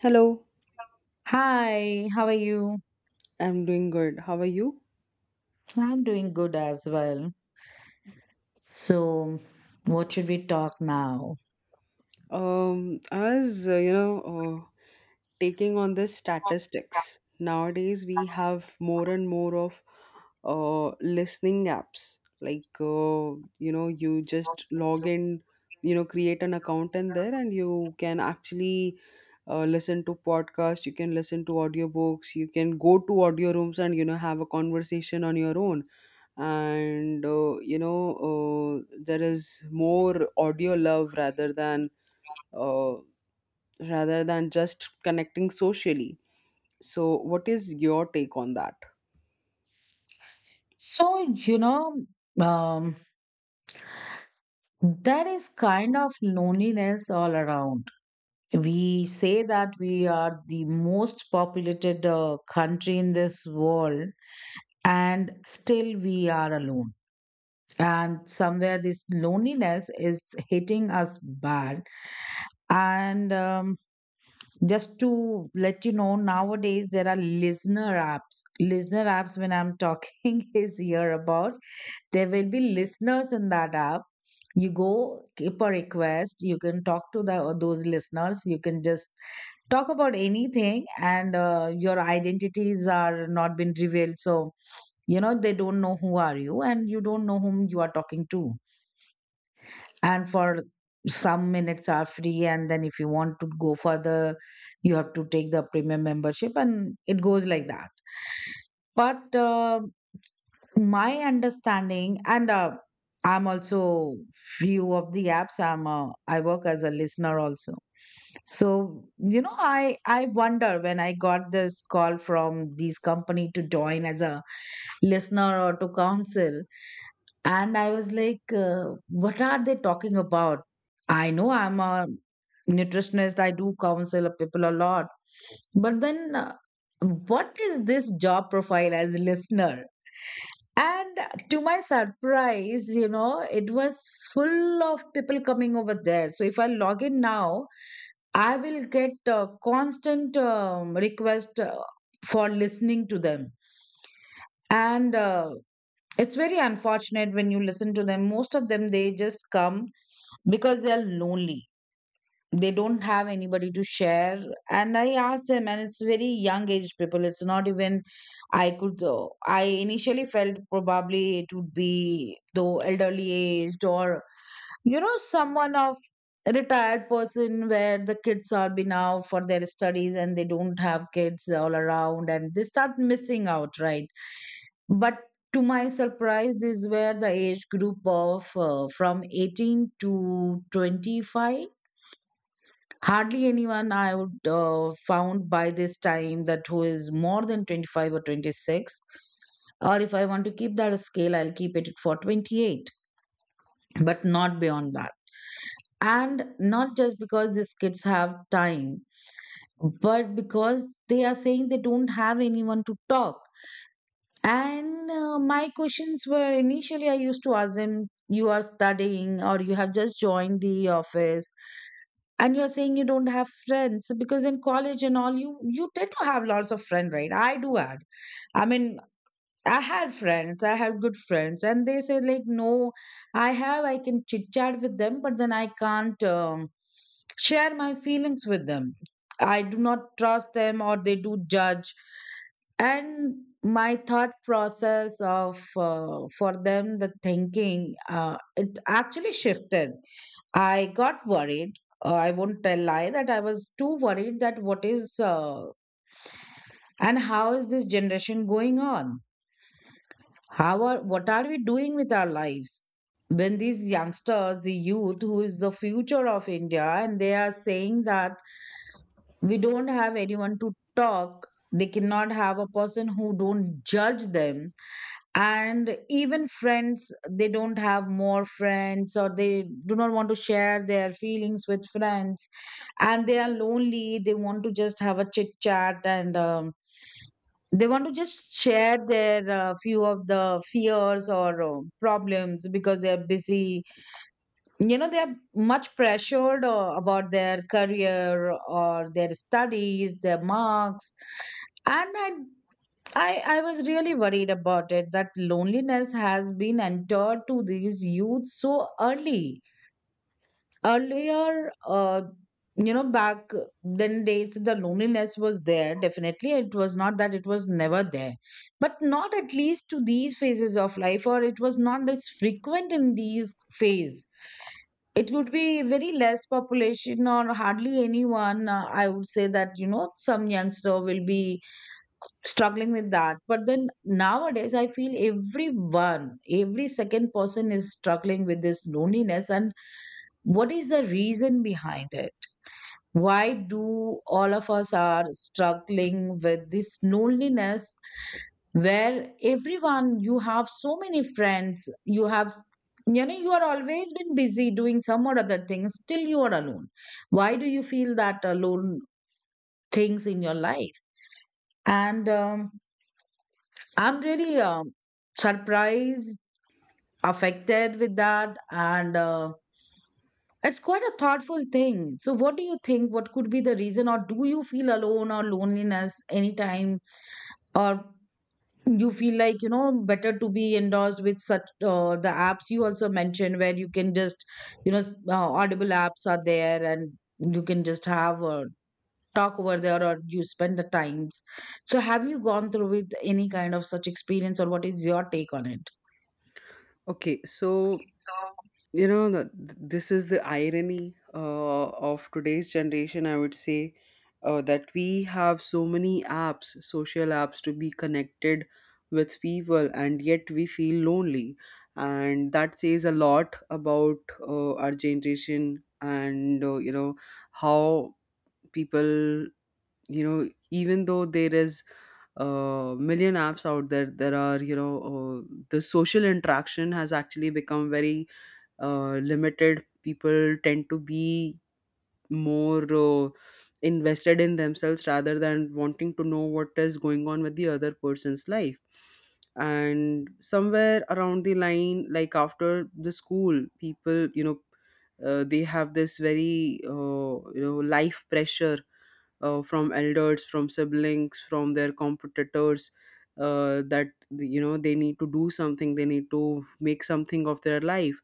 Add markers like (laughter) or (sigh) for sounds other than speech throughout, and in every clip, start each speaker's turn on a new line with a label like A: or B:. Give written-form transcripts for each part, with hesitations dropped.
A: Hello,
B: Hi, how are you?
A: I'm doing good. How are you?
B: I'm doing good as well. So, what should we talk now?
A: Um, as uh, you know, uh, Taking on the statistics, nowadays we have more and more of listening apps. Like, you know, you just log in, you know, create an account in there, and you can actually listen to podcasts. You can listen to audiobooks. You can go to audio rooms and, you know, have a conversation on your own, and there is more audio love uh, rather than just connecting socially. So what is your take on that?
B: So, um, there is kind of loneliness all around. We say that we are the most populated country in this world, and still we are alone. And somewhere this loneliness is hitting us bad. And Just to let you know, nowadays there are listener apps. Listener apps, when I'm talking (laughs) is here about, there will be listeners in that app. You go keep a request. You can talk to the those listeners. You can just talk about anything, and your identities are not been revealed. So you know they don't know who are you, and you don't know whom you are talking to, and for some minutes are free, and then if you want to go further you have to take the premium membership, and it goes like that, but my understanding and I'm also, few of the apps I work as a listener also. So you know, I wonder when I got this call from this company to join as a listener or to counsel, and I was like, what are they talking about? I know I'm a nutritionist, I do counsel people a lot. But then, what is this job profile as a listener? And to my surprise, you know, it was full of people coming over there. So if I log in now, I will get a constant request for listening to them. And It's very unfortunate when you listen to them. Most of them, they just come because they are lonely. They don't have anybody to share. And I asked them, and it's very young age people. It's not even, I could, I initially felt probably it would be though elderly aged, or, you know, someone of a retired person where the kids are been out for their studies and they don't have kids all around and they start missing out, right? But to my surprise, these were the age group of from 18 to 25. Hardly anyone I would found by this time that who is more than 25 or 26. Or if I want to keep that scale, I'll keep it for 28, but not beyond that. And not just because these kids have time, but because they are saying they don't have anyone to talk. And My questions were, initially I used to ask them, you are studying or you have just joined the office, and you're saying you don't have friends because in college and all you tend to have lots of friends, right? I do add. I mean, I had friends, I had good friends, and they say like, no, I have, I can chit chat with them, but then I can't share my feelings with them. I do not trust them, or they do judge, and my thought process of for them the thinking it actually shifted. I got worried. I won't tell lie that I was too worried that what is and how is this generation going on, how are, what are we doing with our lives, when these youngsters, the youth who is the future of India, and they are saying that we don't have anyone to talk. They cannot have a person who don't judge them, and even friends they don't have more friends, or they do not want to share their feelings with friends, and they are lonely. They want to just have a chit chat, and they want to just share their few of the fears or problems because they are busy. You know, they are much pressured about their career or their studies, their marks. And I was really worried about it that loneliness has been entered to these youth so early. Earlier, you know, back then days, the loneliness was there. Definitely, it was not that it was never there, but not at least to these phases of life, or it was not as frequent in these phase. It would be very less population or hardly anyone. I would say that, you know, some youngster will be struggling with that, but then nowadays I feel everyone, every second person is struggling with this loneliness, and what is the reason behind it? Why do all of us are struggling with this loneliness, where everyone, you have so many friends, you have, you know, you are always been busy doing some or other things, still you are alone. Why do you feel that alone things in your life? And I'm really surprised, affected with that, and it's quite a thoughtful thing. So, what do you think? What could be the reason, or do you feel alone or loneliness anytime, or you feel like, you know, better to be endorsed with such the apps you also mentioned, where you can just Audible apps are there, and you can just have a talk over there, or you spend the times. So, have you gone through with any kind of such experience, or what is your take on it?
A: Okay, so you know, this is the irony of today's generation, I would say, that we have so many apps, social apps, to be connected with people, and yet we feel lonely. And that says a lot about our generation and, you know, how people, you know, even though there is million apps out there, there are, you know, the social interaction has actually become very limited. People tend to be more invested in themselves rather than wanting to know what is going on with the other person's life. And somewhere around the line, like after the school, people, you know, they have this very you know, life pressure from elders, from siblings, from their competitors, that, you know, they need to do something, they need to make something of their life.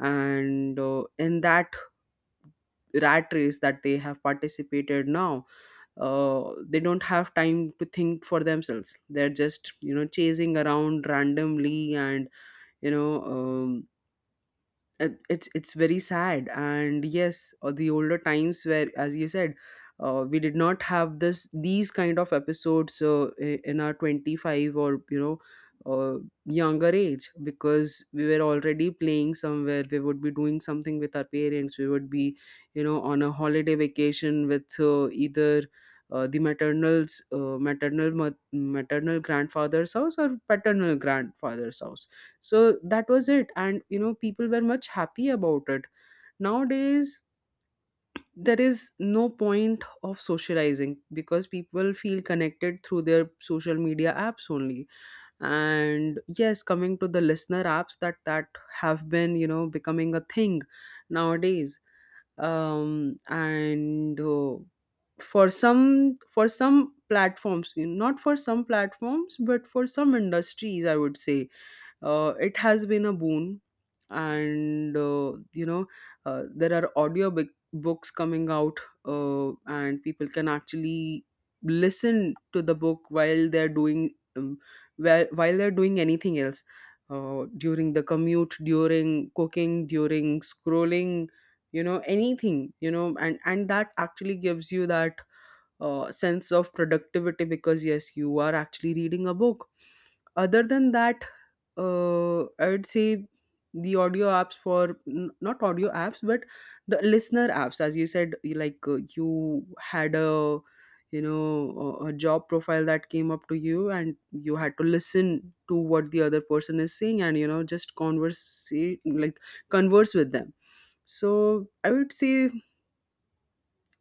A: And in that rat race that they have participated now, they don't have time to think for themselves. They're just, you know, chasing around randomly, and you know, it's very sad. And yes, the older times, where, as you said, we did not have this these kind of episodes in our 25, or, you know, uh, younger age, because we were already playing somewhere, we would be doing something with our parents, we would be, you know, on a holiday vacation with, either the maternal's maternal mo- maternal grandfather's house or paternal grandfather's house. So that was it, and you know, people were much happy about it. Nowadays there is no point of socializing because people feel connected through their social media apps only. And yes, coming to the listener apps, that have been, you know, becoming a thing nowadays. And For some, for some platforms, not for some platforms, but for some industries, I would say it has been a boon. And you know, there are audio big books coming out, and people can actually listen to the book while they're doing, um, while they're doing anything else, during the commute, during cooking, during scrolling, you know, anything, you know. And that actually gives you that sense of productivity, because yes, you are actually reading a book. Other than that, I would say the audio apps for not audio apps, but the listener apps, as you said, you like, you had a, you know, a job profile that came up to you, and you had to listen to what the other person is saying, and you know, just converse, like, converse with them. So I would say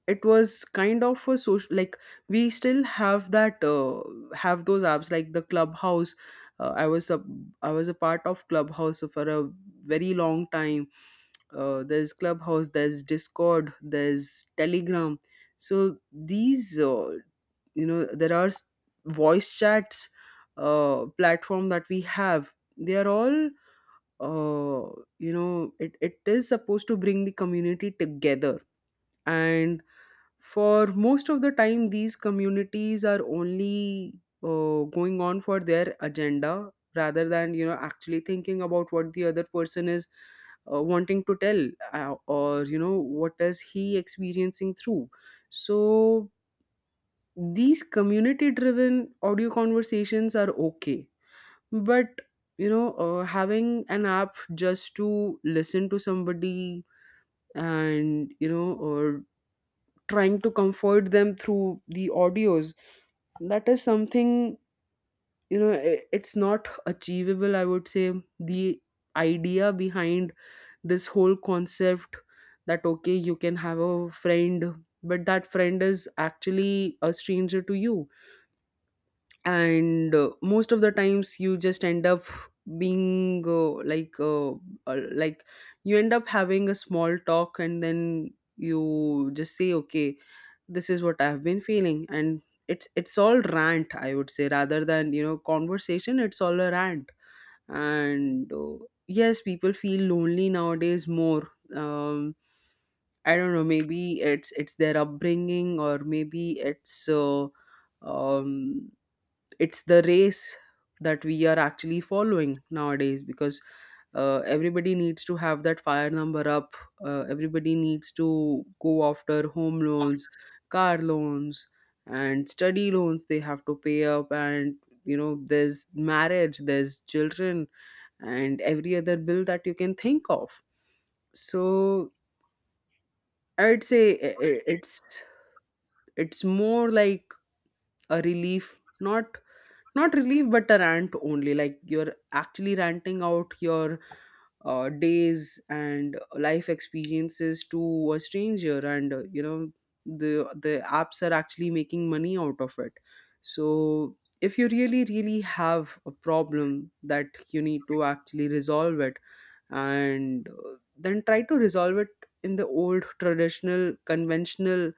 A: it was kind of a social, like, we still have that, have those apps like the Clubhouse. I was a, I was a part of Clubhouse for a very long time. There's Clubhouse, there's Discord, there's Telegram. So these, you know, there are voice chats platform that we have, they are all uh, you know, it is supposed to bring the community together. And for most of the time, these communities are only going on for their agenda, rather than, you know, actually thinking about what the other person is wanting to tell, or you know, what is he experiencing through. So these community driven audio conversations are okay, but you know, having an app just to listen to somebody, and you know, or trying to comfort them through the audios, that is something, you know, it's not achievable, I would say. The idea behind this whole concept, that okay, you can have a friend, but that friend is actually a stranger to you. And most of the times, you just end up being like, you end up having a small talk, and then you just say okay, this is what I've been feeling, and it's all rant, I would say, rather than, you know, conversation. It's all a rant. And yes, people feel lonely nowadays more. I don't know, maybe it's their upbringing, or maybe it's, um it's the race that we are actually following nowadays. Because everybody needs to have that fire number up, everybody needs to go after home loans, car loans, and study loans. They have to pay up, and you know, there's marriage, there's children, and every other bill that you can think of. So I'd say I- it's more like a relief. Not, not relief, but a rant only, like you're actually ranting out your days and life experiences to a stranger. And you know, the apps are actually making money out of it. So if you really, really have a problem that you need to actually resolve it, and then try to resolve it in the old traditional conventional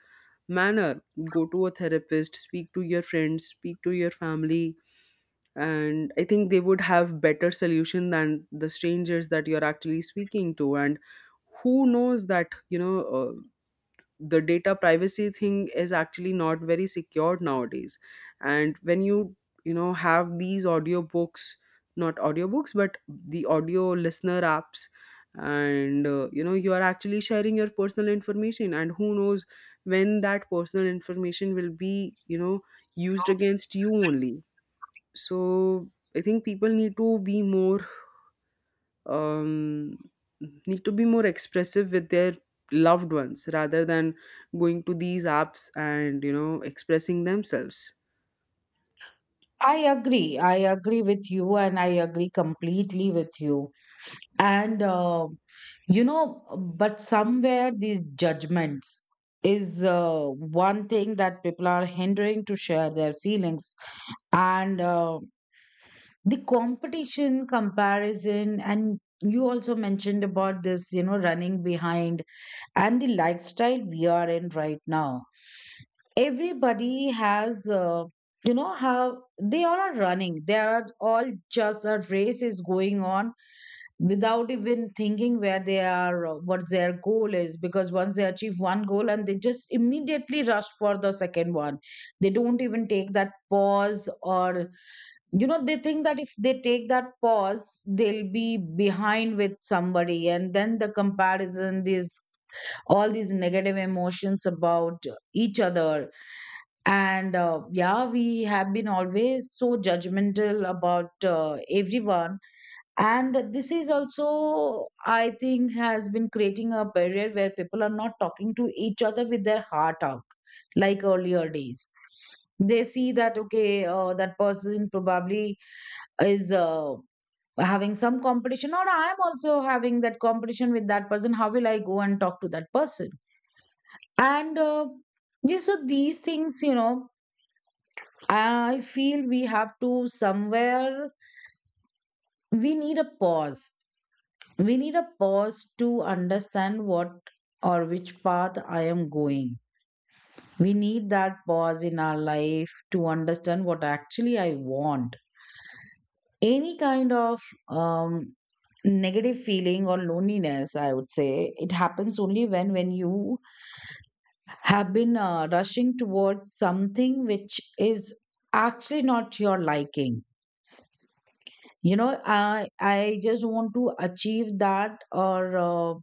A: manner. Go to a therapist, speak to your friends, speak to your family, and I think they would have better solution than the strangers that you're actually speaking to. And who knows that, you know, the data privacy thing is actually not very secured nowadays. And when you know, have these audiobooks, not audiobooks, but the audio listener apps, and you know, you are actually sharing your personal information, and who knows when that personal information will be, you know, used against you only. So I think people need to be more, um, need to be more expressive with their loved ones, rather than going to these apps and, you know, expressing themselves.
B: I agree. I agree with you, and I agree completely with you. And, you know, but somewhere these judgments is one thing that people are hindering to share their feelings. And The competition, comparison, and you also mentioned about this, you know, running behind, and the lifestyle we are in right now, everybody has, you know, how they all are running, they are all just a race is going on without even thinking where they are or what their goal is, because once they achieve one goal, and they just immediately rush for the second one, they don't even take that pause, or, you know, they think that if they take that pause, they'll be behind with somebody, and then the comparison, this, all these negative emotions about each other. And yeah, we have been always so judgmental about everyone, and this is also I think has been creating a barrier where people are not talking to each other with their heart out, like earlier days. They see that okay, that person probably is having some competition, or I am also having that competition with that person, how will I go and talk to that person? And yeah, so these things, you know, I feel we have to somewhere, we need a pause. We need a pause to understand what or which path I am going. We need that pause in our life to understand what actually I want. Any kind of um, negative feeling or loneliness, I would say, it happens only when you have been rushing towards something which is actually not your liking. You know, I just want to achieve that, or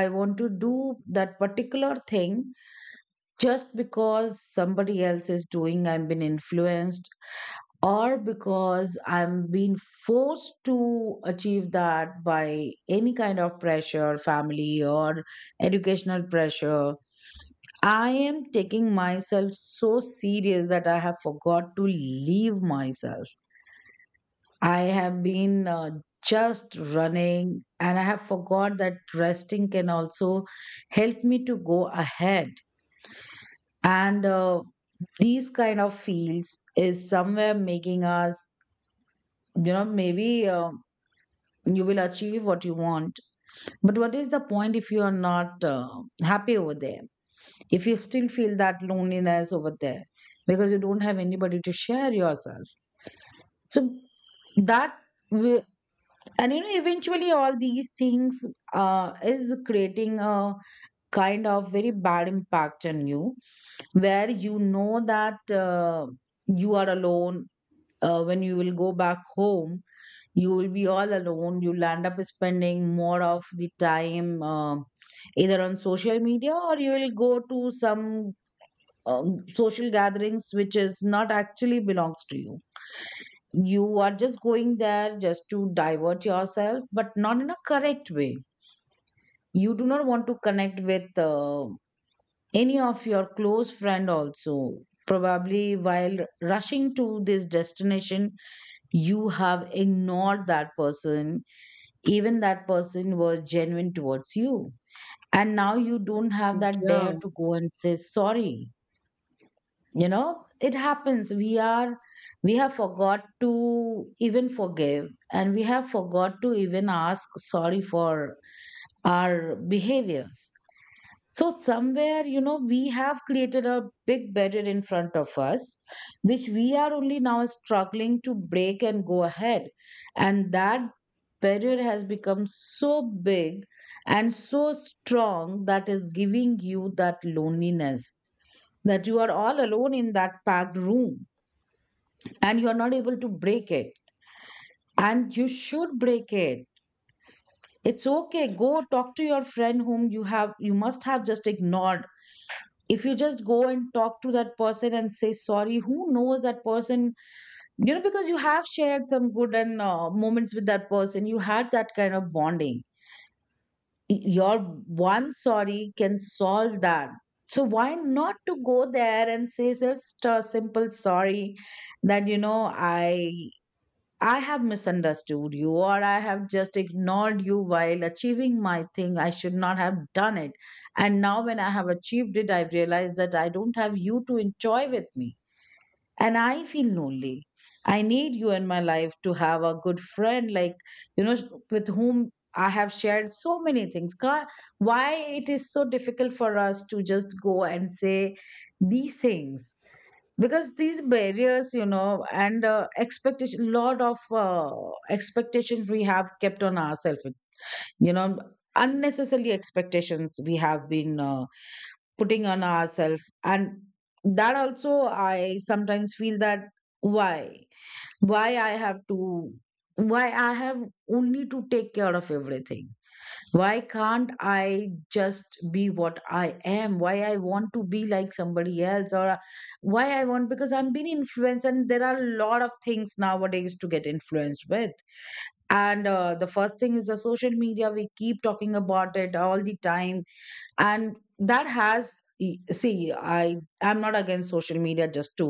B: I want to do that particular thing just because somebody else is doing, I've been influenced, or because I'm being forced to achieve that by any kind of pressure, family or educational pressure. I am taking myself so serious that I have forgot to leave myself. I have been just running and I have forgot that resting can also help me to go ahead. And These kind of fields is somewhere making us, you know, maybe you will achieve what you want. But what is the point if you are not happy over there? If you still feel that loneliness over there because you don't have anybody to share yourself, so that will, and eventually all these things is creating a kind of very bad impact on you, where you know that you are alone. When you will go back home, you will be all alone. You'll end up spending more of the time either on social media, or you will go to some social gatherings which is not actually belongs to you. You are just going there just to divert yourself, but not in a correct way. You do not want to connect with any of your close friend also. Probably while rushing to this destination, you have ignored that person, even that person was genuine towards you, and now you don't have that
A: Yeah,
B: dare to go and say sorry. You know, it happens. We have forgot to even forgive, and we have forgot to even ask sorry for our behaviors. So somewhere, you know, we have created a big barrier in front of us, which we are only now struggling to break and go ahead. And that barrier has become so big and so strong, that is giving you that loneliness, that you are all alone in that packed room and you are not able to break it. And you should break it. It's okay, go talk to your friend whom you must have just ignored. If you just go and talk to that person and say sorry, who knows? That person, you know, because you have shared some good and moments with that person, you had that kind of bonding. Your one sorry can solve that. So why not to go there and say just a simple sorry, that, you know, I have misunderstood you, or I have just ignored you while achieving my thing, I should not have done it. And now when I have achieved it, I've realized that I don't have you to enjoy with me, and I feel lonely. I need you in my life to have a good friend like, you know, with whom I have shared so many things. Why it is so difficult for us to just go and say these things? Because these barriers, you know, and expectation lot of uh, expectations we have kept on ourselves, you know, unnecessarily expectations we have been putting on ourselves. And that also, I sometimes feel that, why why i have to why I have only to take care of everything. Why can't I just be what I am? Why I want to be like somebody else? Or why i want because I'm being influenced, and there are a lot of things nowadays to get influenced with. And the first thing is the social media, we keep talking about it all the time. And that has see, I'm not against social media, just to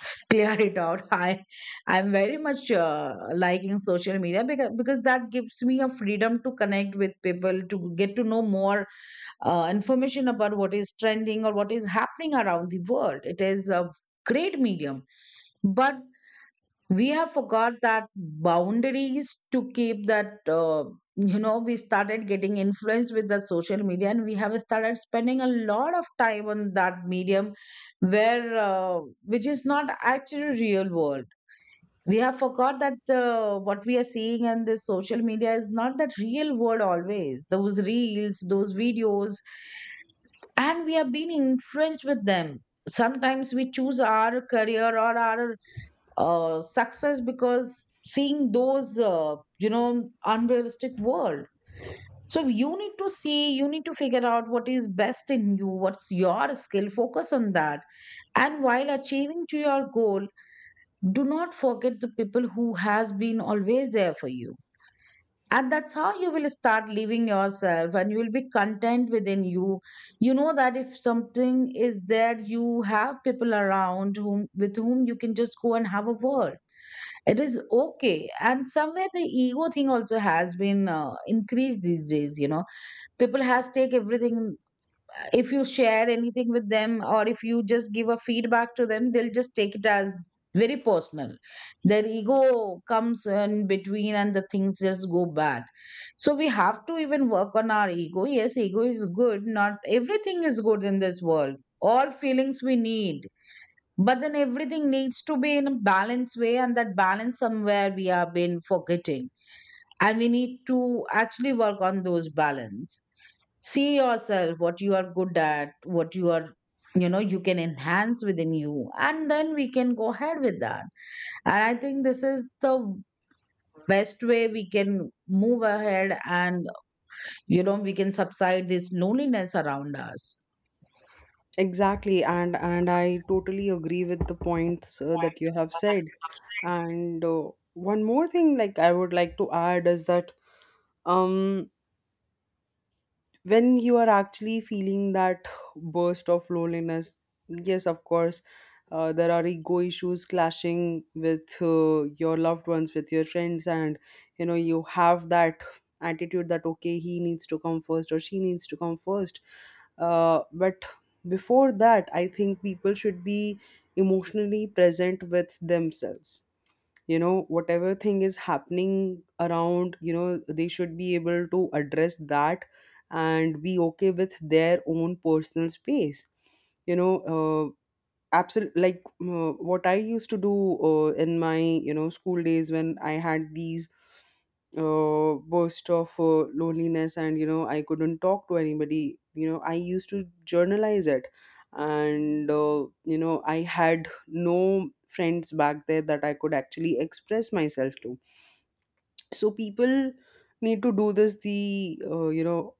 B: (laughs) clear it out (laughs) I'm very much liking social media, because that gives me a freedom to connect with people, to get to know more information about what is trending or what is happening around the world. It is a great medium. But we have forgot that boundaries to keep that you know, we started getting influenced with the social media, and we have started spending a lot of time on that medium, where which is not actually real world. We have forgot that what we are seeing on this social media is not that real world always, those reels, those videos, and we have been influenced with them. Sometimes we choose our career or our success because seeing those you know, unrealistic world. So you need to see, you need to figure out what is best in you, what's your skill, focus on that. And while achieving to your goal, do not forget the people who has been always there for you. And that's how you will start living yourself and you will be content within you. You know that if something is there, you have people around whom, with whom you can just go and have a word. It is okay. And somewhere the ego thing also has been increased these days, you know. People has take everything. If you share anything with them, or if you just give a feedback to them, they'll just take it as very personal. Their ego comes in between and the things just go bad. So we have to even work on our ego. Yes, ego is good. Not everything is good in this world. All feelings we need. But then everything needs to be in a balanced way, and that balance somewhere we have been forgetting. And we need to actually work on those balance. See yourself, what you are good at, what you are, you know, you can enhance within you. And then we can go ahead with that. And I think this is the best way we can move ahead and, you know, we can subside this loneliness around us.
A: exactly, and I totally agree with the points that you have said. And one more thing, like, I would like to add is that, um when you are actually feeling that burst of loneliness, yes, of course, there are ego issues clashing with your loved ones, with your friends, and you know, you have that attitude that okay, he needs to come first or she needs to come first. But before that, I think people should be emotionally present with themselves. You know, whatever thing is happening around, you know, they should be able to address that and be okay with their own personal space. You know, absolutely, like, what I used to do in my, you know, school days, when I had these burst of loneliness, and you know, I couldn't talk to anybody, you know, I used to journalize it. And you know, I had no friends back there that I could actually express myself to. So people need to do this, the, you know,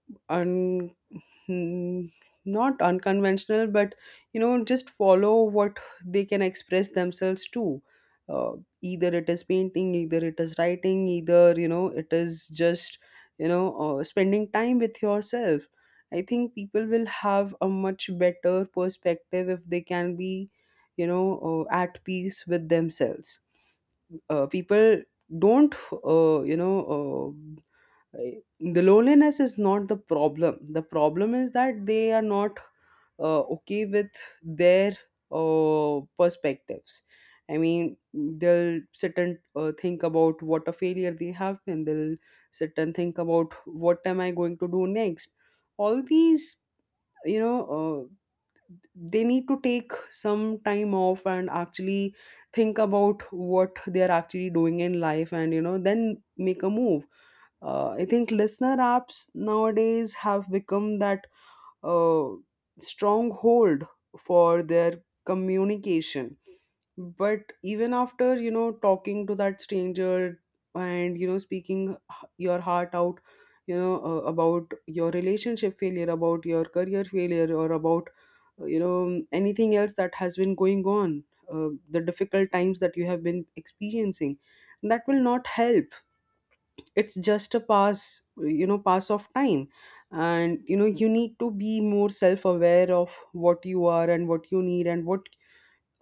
A: mm, not unconventional, but you know, just follow what they can express themselves to. uh, Either it is painting, either it is writing, either, you know, it is just, you know, spending time with yourself. I think people will have a much better perspective if they can be, you know, at peace with themselves. People don't, uh, you know uh, the loneliness is not the problem. The problem is that they are not okay with their perspectives. I mean, they'll sit and think about what a failure they have been. They'll sit and think about what am I going to do next. All these, you know, they need to take some time off, and actually think about what they are actually doing in life, and you know, then make a move. I think listener apps nowadays have become that uh, stronghold for their communication. But even after, you know, talking to that stranger, and you know, speaking your heart out, you know, about your relationship failure, about your career failure, or about, you know, anything else that has been going on, the difficult times that you have been experiencing, that will not help. It's just a pass, you know, pass of time. And you know, you need to be more self aware of what you are, and what you need, and what,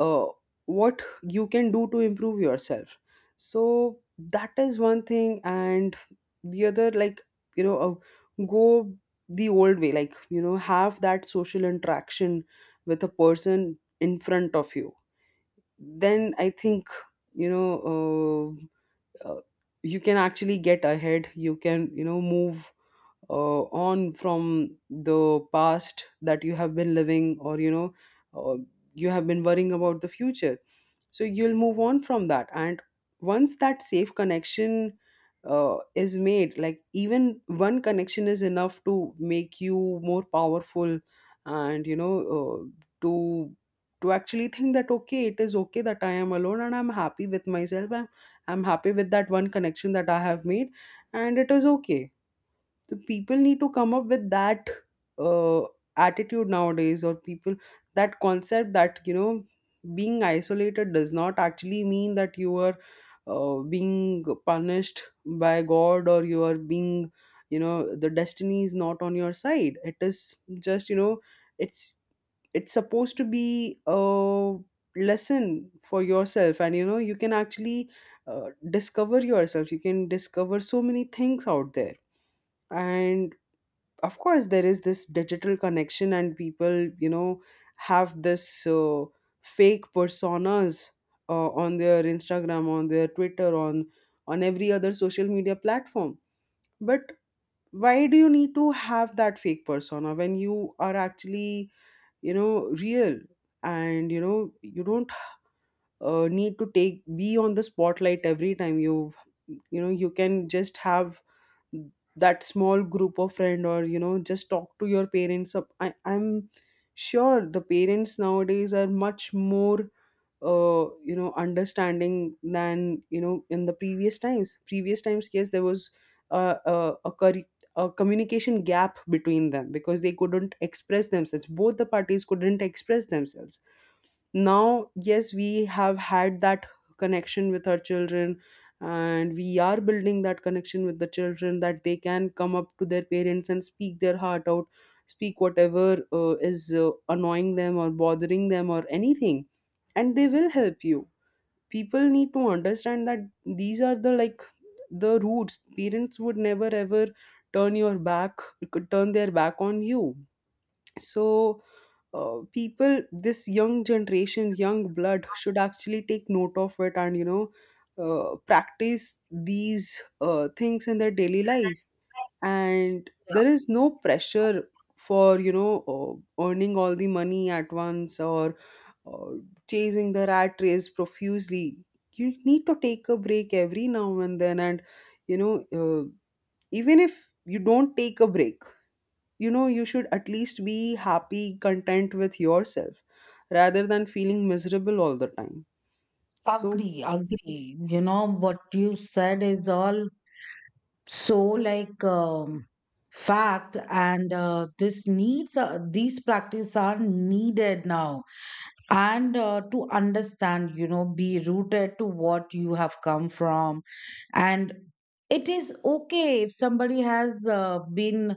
A: uh, what you can do to improve yourself. So that is one thing. And the other, like, you know, go the old way, like, you know, have that social interaction with a person in front of you. Then I think, you know, uh, uh, you can actually get ahead, you can, you know, move on from the past that you have been living, or you know, uh, you have been worrying about the future. So you'll move on from that. And once that safe connection is made, like, even one connection is enough to make you more powerful. And you know, to to actually think that okay, it is okay that I am alone, and I'm happy with that one connection that I have made, and it is okay. So people need to come up with that uh, attitude nowadays, or people, that concept, that you know, being isolated does not actually mean that you are being punished by god, or you are being, you know, the destiny is not on your side. It is just, you know, it's it's supposed to be a lesson for yourself. And you know, you can actually discover yourself, you can discover so many things out there. And of course, there is this digital connection, and people, you know, have this fake personas on their Instagram, on their Twitter, on every other social media platform. But why do you need to have that fake persona when you are actually, you know, real. And you know, you don't need to take, be on the spotlight every time. You know, you can just have that small group of friend, or you know, just talk to your parents up. I'm sure the parents nowadays are much more, uh, you know, understanding than, you know, in the previous times. Previous times, yes, there was a, a, a, curri- a communication gap between them, because they couldn't express themselves, both the parties couldn't express themselves. Now, yes, we have had that connection with our children, and we are building that connection with the children, that they can come up to their parents and speak their heart out, speak whatever is annoying them, or bothering them, or anything, and they will help you. People need to understand that these are the, like, the roots. Parents would never ever turn your back turn their back on you. So, people, this young generation, young blood, should actually take note of it, and you know, practice these things in their daily life. And there is no pressure for, you know, earning all the money at once, or, uh, chasing the rat race profusely. You need to take a break every now and then, and you know, even if you don't take a break, you know, you should at least be happy, content with yourself, rather than feeling miserable all the time. So
B: Agree, agree. You know, what you said is all so like fact, and this needs, these practices are needed now. And to understand, you know, be rooted to what you have come from. And it is okay if somebody has been,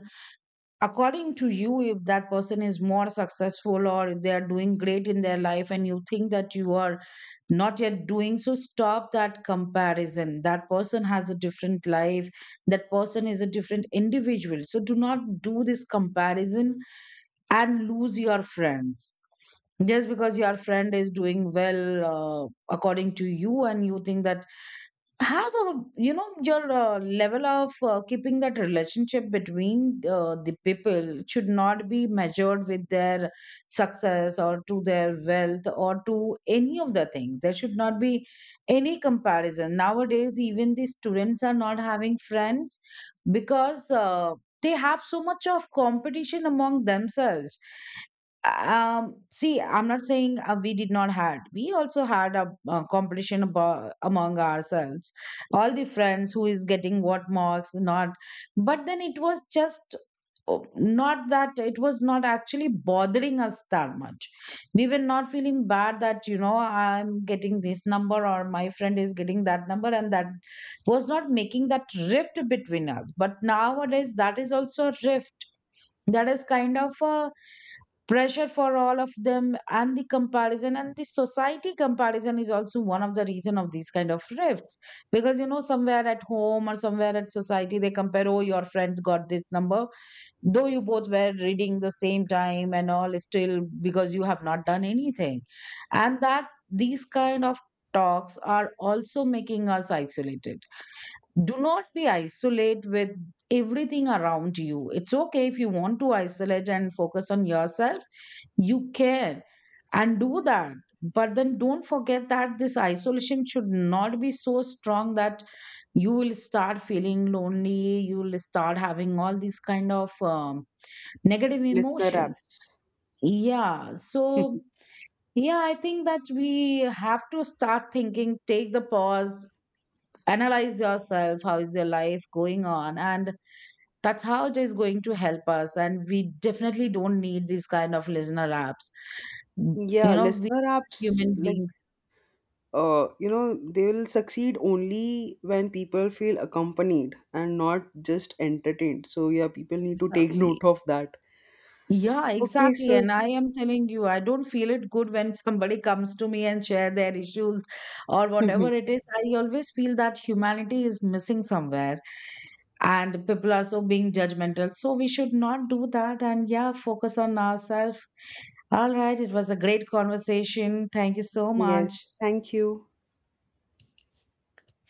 B: according to you, if that person is more successful, or if they are doing great in their life and you think that you are not yet doing, so stop that comparison. That person has a different life, that person is a different individual, so do not do this comparison and lose your friends just because your friend is doing well, uh, according to you, and you think that have a, you know, your level of keeping that relationship between the people should not be measured with their success, or to their wealth, or to any of the things. There should not be any comparison. Nowadays even the students are not having friends because they have so much of competition among themselves. See, I'm not saying we did not had we also had a, competition among ourselves, all the friends who is getting what marks, not. But then it was just, oh, not that, it was not actually bothering us that much. We were not feeling bad that, you know, I'm getting this number or my friend is getting that number, and that was not making that rift between us. But nowadays that is also a rift, that is kind of a pressure for all of them. And the comparison, and the society comparison is also one of the reason of these kind of rifts, because, you know, somewhere at home or somewhere at society they compare, oh, your friends got this number, though you both were reading the same time and all, still because you have not done anything. And that, these kind of talks are also making us isolated. Do not be isolate with everything around you. It's okay if you want to isolate and focus on yourself, you can, and do that. But then don't forget that this isolation should not be so strong that you will start feeling lonely, you will start having all these kind of negative
A: listener
B: emotions.
A: apps.
B: Yeah. So,
A: (laughs)
B: yeah, I think that we have to start thinking, take the pause, analyze yourself, how is your life going on? And that's how it is going to help us. And we definitely don't need these kind of listener apps, you
A: Yeah,
B: know,
A: listener apps,
B: human
A: like,
B: beings.
A: uh, you know, they will succeed only when people feel accompanied and not just entertained. So yeah, people need to take (laughs)
B: Exactly.
A: note of that.
B: Yeah,
A: Okay,
B: exactly.
A: so
B: And I am telling you, I don't feel it good when somebody comes to me and share their issues or whatever
A: (laughs)
B: it is. I always feel that humanity is missing somewhere and people are so being judgmental. So we should not do that and, yeah, focus on ourselves. All right, it was a great conversation. Thank you so much.
A: yes, thank you.